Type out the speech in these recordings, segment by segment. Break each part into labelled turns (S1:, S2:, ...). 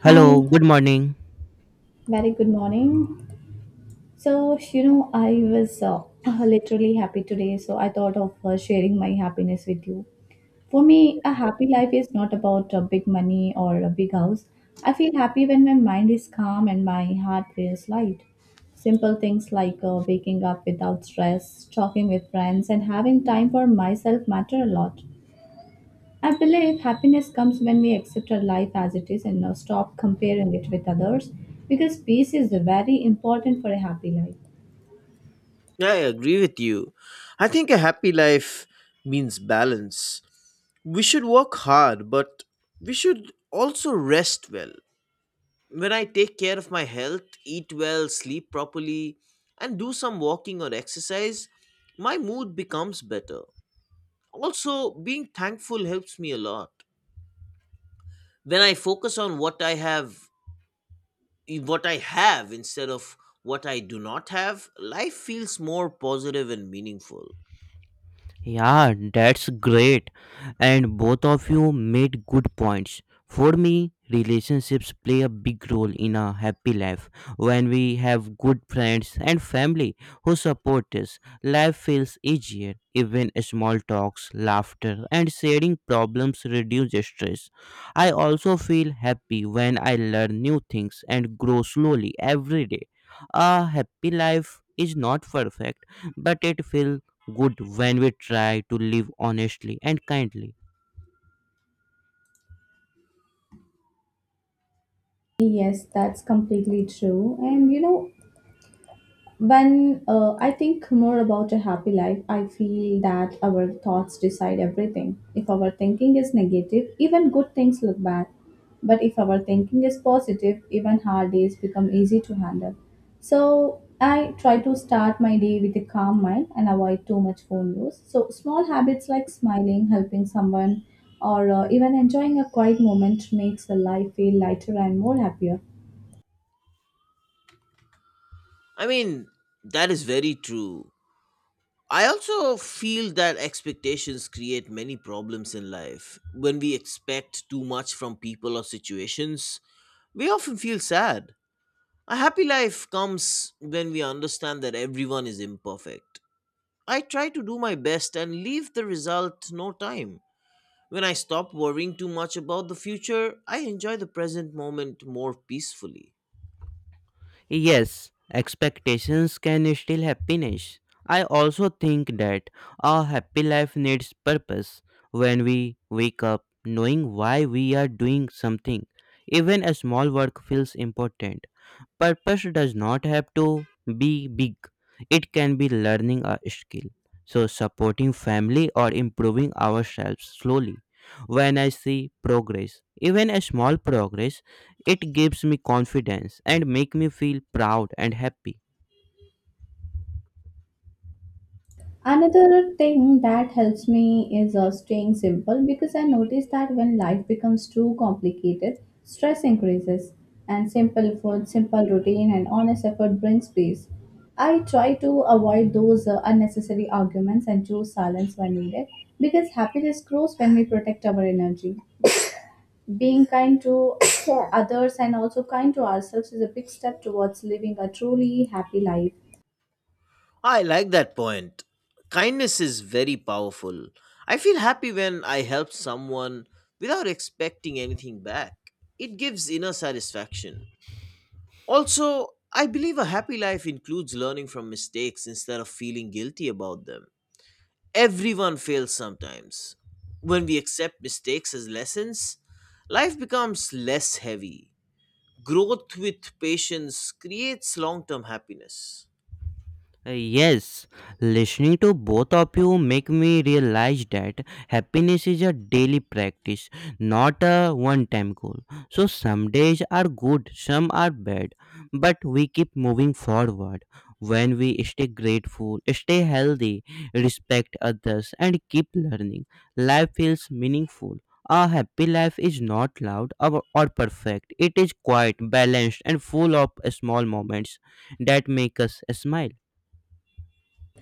S1: Hello,
S2: Hi,
S1: good morning.
S2: very good morning. I was literally happy today, so I thought of sharing my happiness with you. For me, a happy life is not about big money or a big house. I feel happy when my mind is calm and my heart feels light. Simple things like waking up without stress, talking with friends, and having time for myself matter a lot. I believe happiness comes when we accept our life as it is and now stop comparing it with others because peace is very important for a happy life.
S3: Yeah, I agree with you. I think a happy life means balance. We should work hard, but we should also rest well. When I take care of my health, eat well, sleep properly, and do some walking or exercise, my mood becomes better. Also, being thankful helps me a lot. When I focus on what I have instead of what I do not have, life feels more positive and meaningful.
S1: Yeah, that's great. And both of you made good points. For me, relationships play a big role in a happy life. When we have good friends and family who support us, life feels easier. Even small talks, laughter, and sharing problems reduce stress. I also feel happy when I learn new things and grow slowly every day. A happy life is not perfect, but it feels good when we try to live honestly and kindly.
S2: Yes, that's completely true. And you know, When I think more about a happy life, I feel that our thoughts decide everything. If our thinking is negative, even good things look bad. But if our thinking is positive, even hard days become easy to handle. So I try to start my day with a calm mind and avoid too much phone use. So small habits like smiling, helping someone, or even enjoying a quiet moment makes the life feel lighter and more happier.
S3: I mean, that is very true. I also feel that expectations create many problems in life. When we expect too much from people or situations, we often feel sad. A happy life comes when we understand that everyone is imperfect. I try to do my best and leave the result no time. When I stop worrying too much about the future, I enjoy the present moment more peacefully.
S1: Yes, expectations can steal happiness. I also think that a happy life needs purpose. When we wake up knowing why we are doing something, even a small work feels important. Purpose does not have to be big, it can be learning a skill. So, supporting family or improving ourselves slowly. When I see progress, even a small progress, it gives me confidence and make me feel proud and happy.
S2: Another thing that helps me is staying simple because I notice that when life becomes too complicated, stress increases, and simple food, simple routine, and honest effort brings peace. I try to avoid those unnecessary arguments and choose silence when needed because happiness grows when we protect our energy. Being kind to others and also kind to ourselves is a big step towards living a truly happy life.
S3: I like that point. Kindness is very powerful. I feel happy when I help someone without expecting anything back. It gives inner satisfaction. Also, I believe a happy life includes learning from mistakes instead of feeling guilty about them. Everyone fails sometimes. When we accept mistakes as lessons, life becomes less heavy. Growth with patience creates long term happiness.
S1: Yes, listening to both of you make me realize that happiness is a daily practice, not a one-time goal. So some days are good, some are bad, but we keep moving forward. When we stay grateful, stay healthy, respect others, and keep learning, life feels meaningful. A happy life is not loud or perfect. It is quiet, balanced, and full of small moments that make us smile.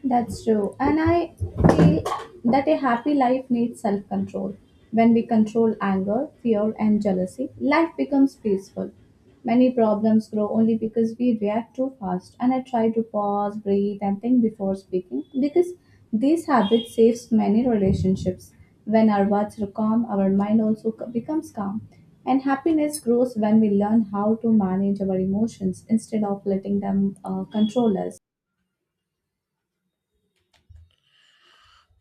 S2: That's true. And I feel that a happy life needs self control. When we control anger, fear, and jealousy, life becomes peaceful. Many problems grow only because we react too fast. And I try to pause, breathe, and think before speaking because this habit saves many relationships. When our words are calm, our mind also becomes calm. And happiness grows when we learn how to manage our emotions instead of letting them control us.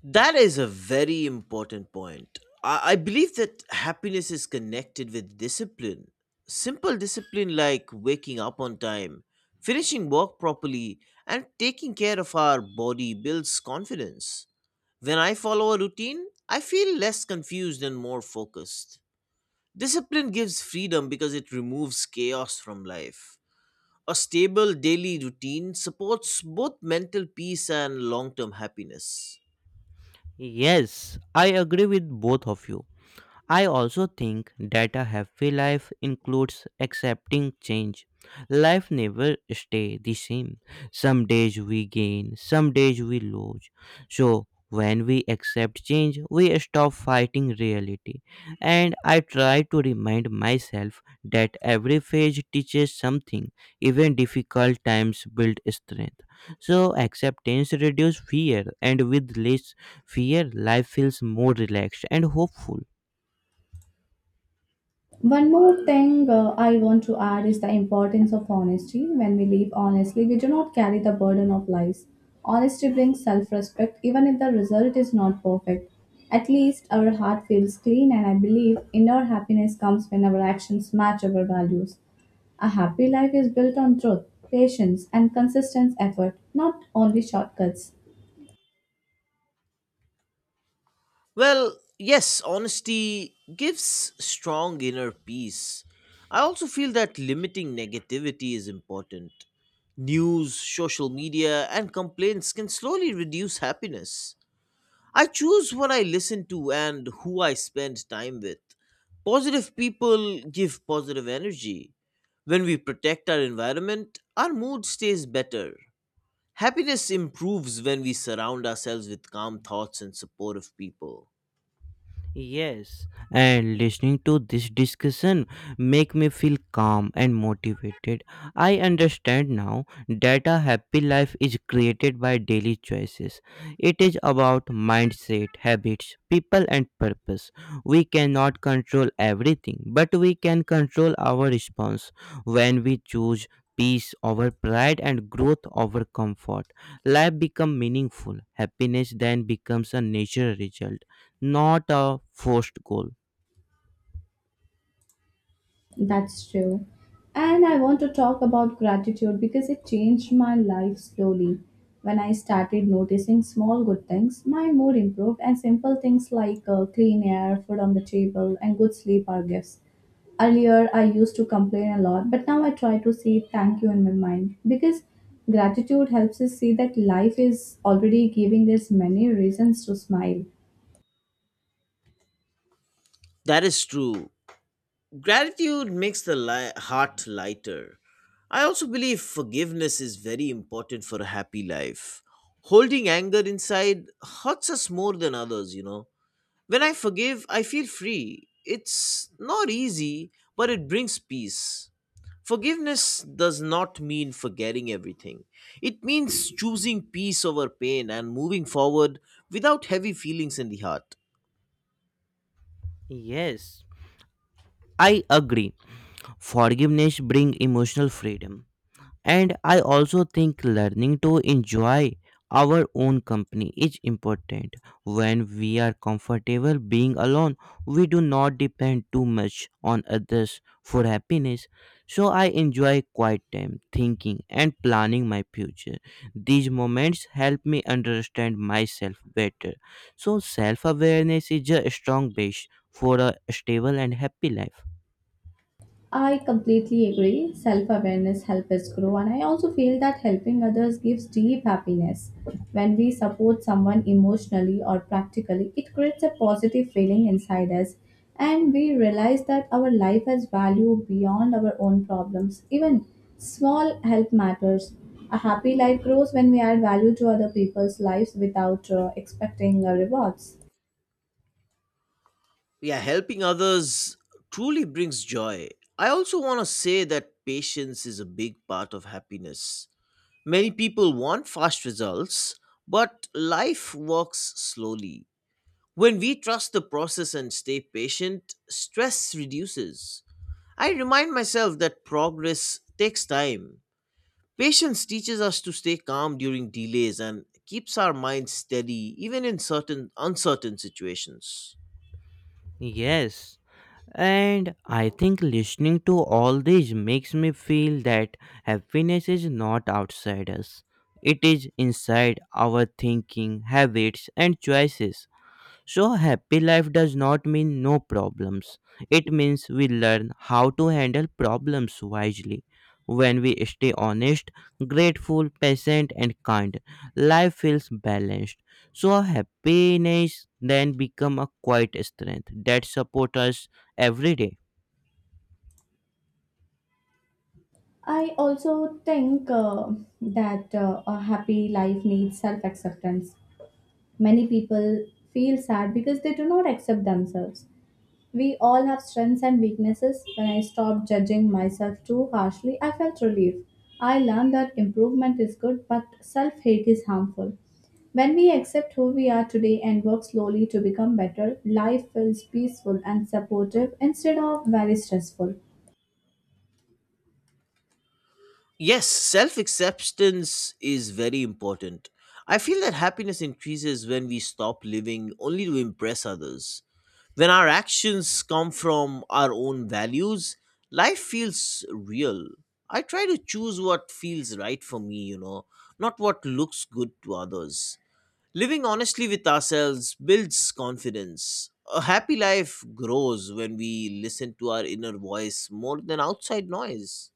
S3: That is a very important point. I believe that happiness is connected with discipline. Simple discipline like waking up on time, finishing work properly, and taking care of our body builds confidence. When I follow a routine, I feel less confused and more focused. Discipline gives freedom because it removes chaos from life. A stable daily routine supports both mental peace and long term happiness.
S1: Yes, I agree with both of you. I also think that a happy life includes accepting change. Life never stay the same. Some days we gain, some days we lose. So when we accept change, we stop fighting reality. And I try to remind myself that every phase teaches something. Even difficult times build strength. So acceptance reduces fear, and with less fear, life feels more relaxed and hopeful.
S2: One more thing I want to add is the importance of honesty. When we live honestly, we do not carry the burden of lies. Honesty brings self respect, even if the result is not perfect. At least our heart feels clean, and I believe inner happiness comes when our actions match our values. A happy life is built on truth, patience, and consistent effort, not only shortcuts.
S3: Well, yes, honesty gives strong inner peace. I also feel that limiting negativity is important. News, social media, and complaints can slowly reduce happiness. I choose what I listen to and who I spend time with. Positive people give positive energy. When we protect our environment, our mood stays better. Happiness improves when we surround ourselves with calm thoughts and supportive people.
S1: Yes, and listening to this discussion make me feel calm and motivated. I understand now that a happy life is created by daily choices. It is about mindset, habits, people and purpose. We cannot control everything, but we can control our response when we choose peace over pride and growth over comfort. Life become meaningful. Happiness then becomes a natural result not a forced goal.
S2: That's true. And I want to talk about gratitude because it changed my life slowly. When I started noticing small good things, my mood improved, and simple things like clean air, food on the table, and good sleep are gifts. Earlier, I used to complain a lot, but now I try to say thank you in my mind because gratitude helps us see that life is already giving us many reasons to smile.
S3: That is true. Gratitude makes the heart lighter. I also believe forgiveness is very important for a happy life. Holding anger inside hurts us more than others. When I forgive, I feel free. It's not easy, but it brings peace. Forgiveness does not mean forgetting everything. It means choosing peace over pain and moving forward without heavy feelings in the heart.
S1: Yes, I agree. Forgiveness brings emotional freedom. And I also think learning to enjoy our own company is important. When we are comfortable being alone, we do not depend too much on others for happiness. So I enjoy quiet time, thinking, and planning my future. These moments help me understand myself better. So self awareness is a strong base for a stable and happy life.
S2: I completely agree. Self awareness helps us grow, and I also feel that helping others gives deep happiness. When we support someone emotionally or practically, it creates a positive feeling inside us, and we realize that our life has value beyond our own problems. Even small help matters. A happy life grows when we add value to other people's lives without expecting rewards.
S3: Yeah, helping others truly brings joy. I also want to say that patience is a big part of happiness. Many people want fast results, but life works slowly. When we trust the process and stay patient, stress reduces. I remind myself that progress takes time. Patience teaches us to stay calm during delays and keeps our minds steady even in certain uncertain situations.
S1: Yes. And I think listening to all this makes me feel that happiness is not outside us. It is inside our thinking, habits, and choices. So, happy life does not mean no problems. It means we learn how to handle problems wisely. When we stay honest, grateful, patient, and kind, life feels balanced. So, happiness then become a quiet strength that supports us every day.
S2: I also think that a happy life needs self acceptance. Many people feel sad because they do not accept themselves. We all have strengths and weaknesses. When I stopped judging myself too harshly, I felt relief. I learned that improvement is good, but self hate is harmful. When we accept who we are today and work slowly to become better, life feels peaceful and supportive instead of very stressful.
S3: Yes, self acceptance is very important. I feel that happiness increases when we stop living only to impress others. When our actions come from our own values, life feels real. I try to choose what feels right for me, not what looks good to others. Living honestly with ourselves builds confidence. A happy life grows when we listen to our inner voice more than outside noise.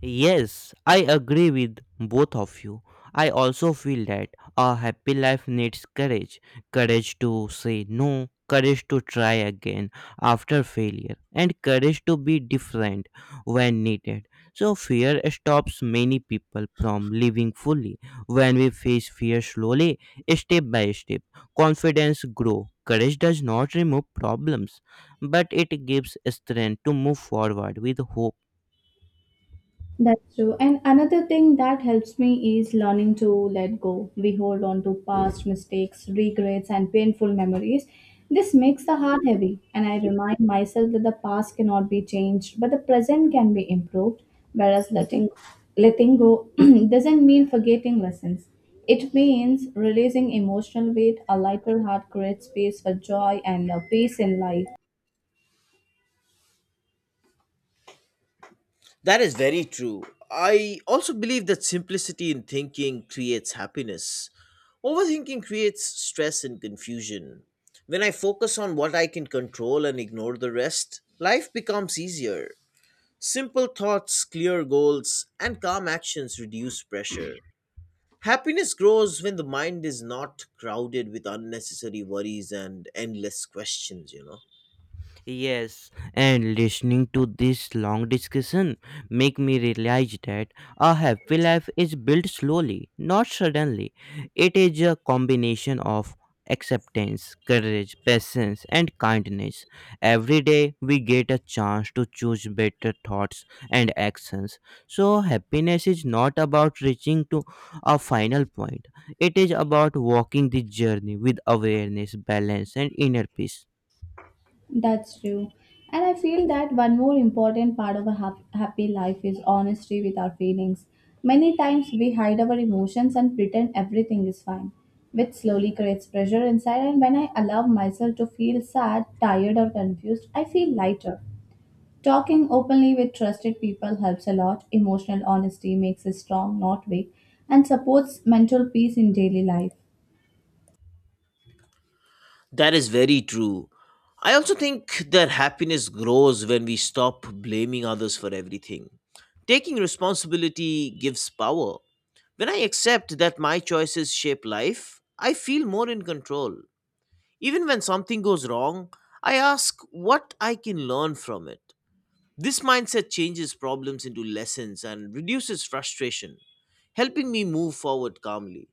S1: Yes, I agree with both of you. I also feel that a happy life needs courage courage to say no, courage to try again after failure, and courage to be different when needed. So, fear stops many people from living fully. When we face fear slowly, step by step, confidence grows. Courage does not remove problems, but it gives strength to move forward with hope.
S2: That's true. And another thing that helps me is learning to let go. We hold on to past mistakes, regrets, and painful memories. This makes the heart heavy, and I remind myself that the past cannot be changed, but the present can be improved. Whereas letting go doesn't mean forgetting lessons. It means releasing emotional weight. A lighter heart creates space for joy and peace in life.
S3: That is very true. I also believe that simplicity in thinking creates happiness. Overthinking creates stress and confusion. When I focus on what I can control and ignore the rest, life becomes easier. Simple thoughts, clear goals, and calm actions reduce pressure. Happiness grows when the mind is not crowded with unnecessary worries and endless questions.
S1: Yes, and listening to this long discussion make me realize that a happy life is built slowly, not suddenly. It is a combination of acceptance, courage, patience, and kindness. Every day we get a chance to choose better thoughts and actions. So happiness is not about reaching to a final point. It is about walking the journey with awareness, balance, and inner peace.
S2: That's true. And I feel that one more important part of a happy life is honesty with our feelings. Many times we hide our emotions and pretend everything is fine, which slowly creates pressure inside. And when I allow myself to feel sad, tired, or confused, I feel lighter. Talking openly with trusted people helps a lot. Emotional honesty makes us strong, not weak, and supports mental peace in daily life.
S3: That is very true. I also think that happiness grows when we stop blaming others for everything. Taking responsibility gives power. When I accept that my choices shape life, I feel more in control. Even when something goes wrong, I ask what I can learn from it. This mindset changes problems into lessons and reduces frustration, helping me move forward calmly.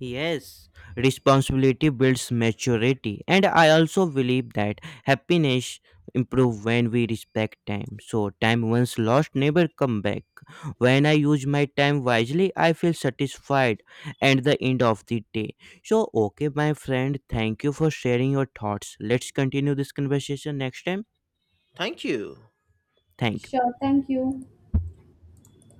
S1: Yes, responsibility builds maturity, and I also believe that happiness improve when we respect time. So time once lost never come back. When I use my time wisely, I feel satisfied at the end of the day. So okay, my friend, thank you for sharing your thoughts. Let's continue this conversation next time.
S3: Thank you.
S1: Thank you.
S2: Sure, thank you.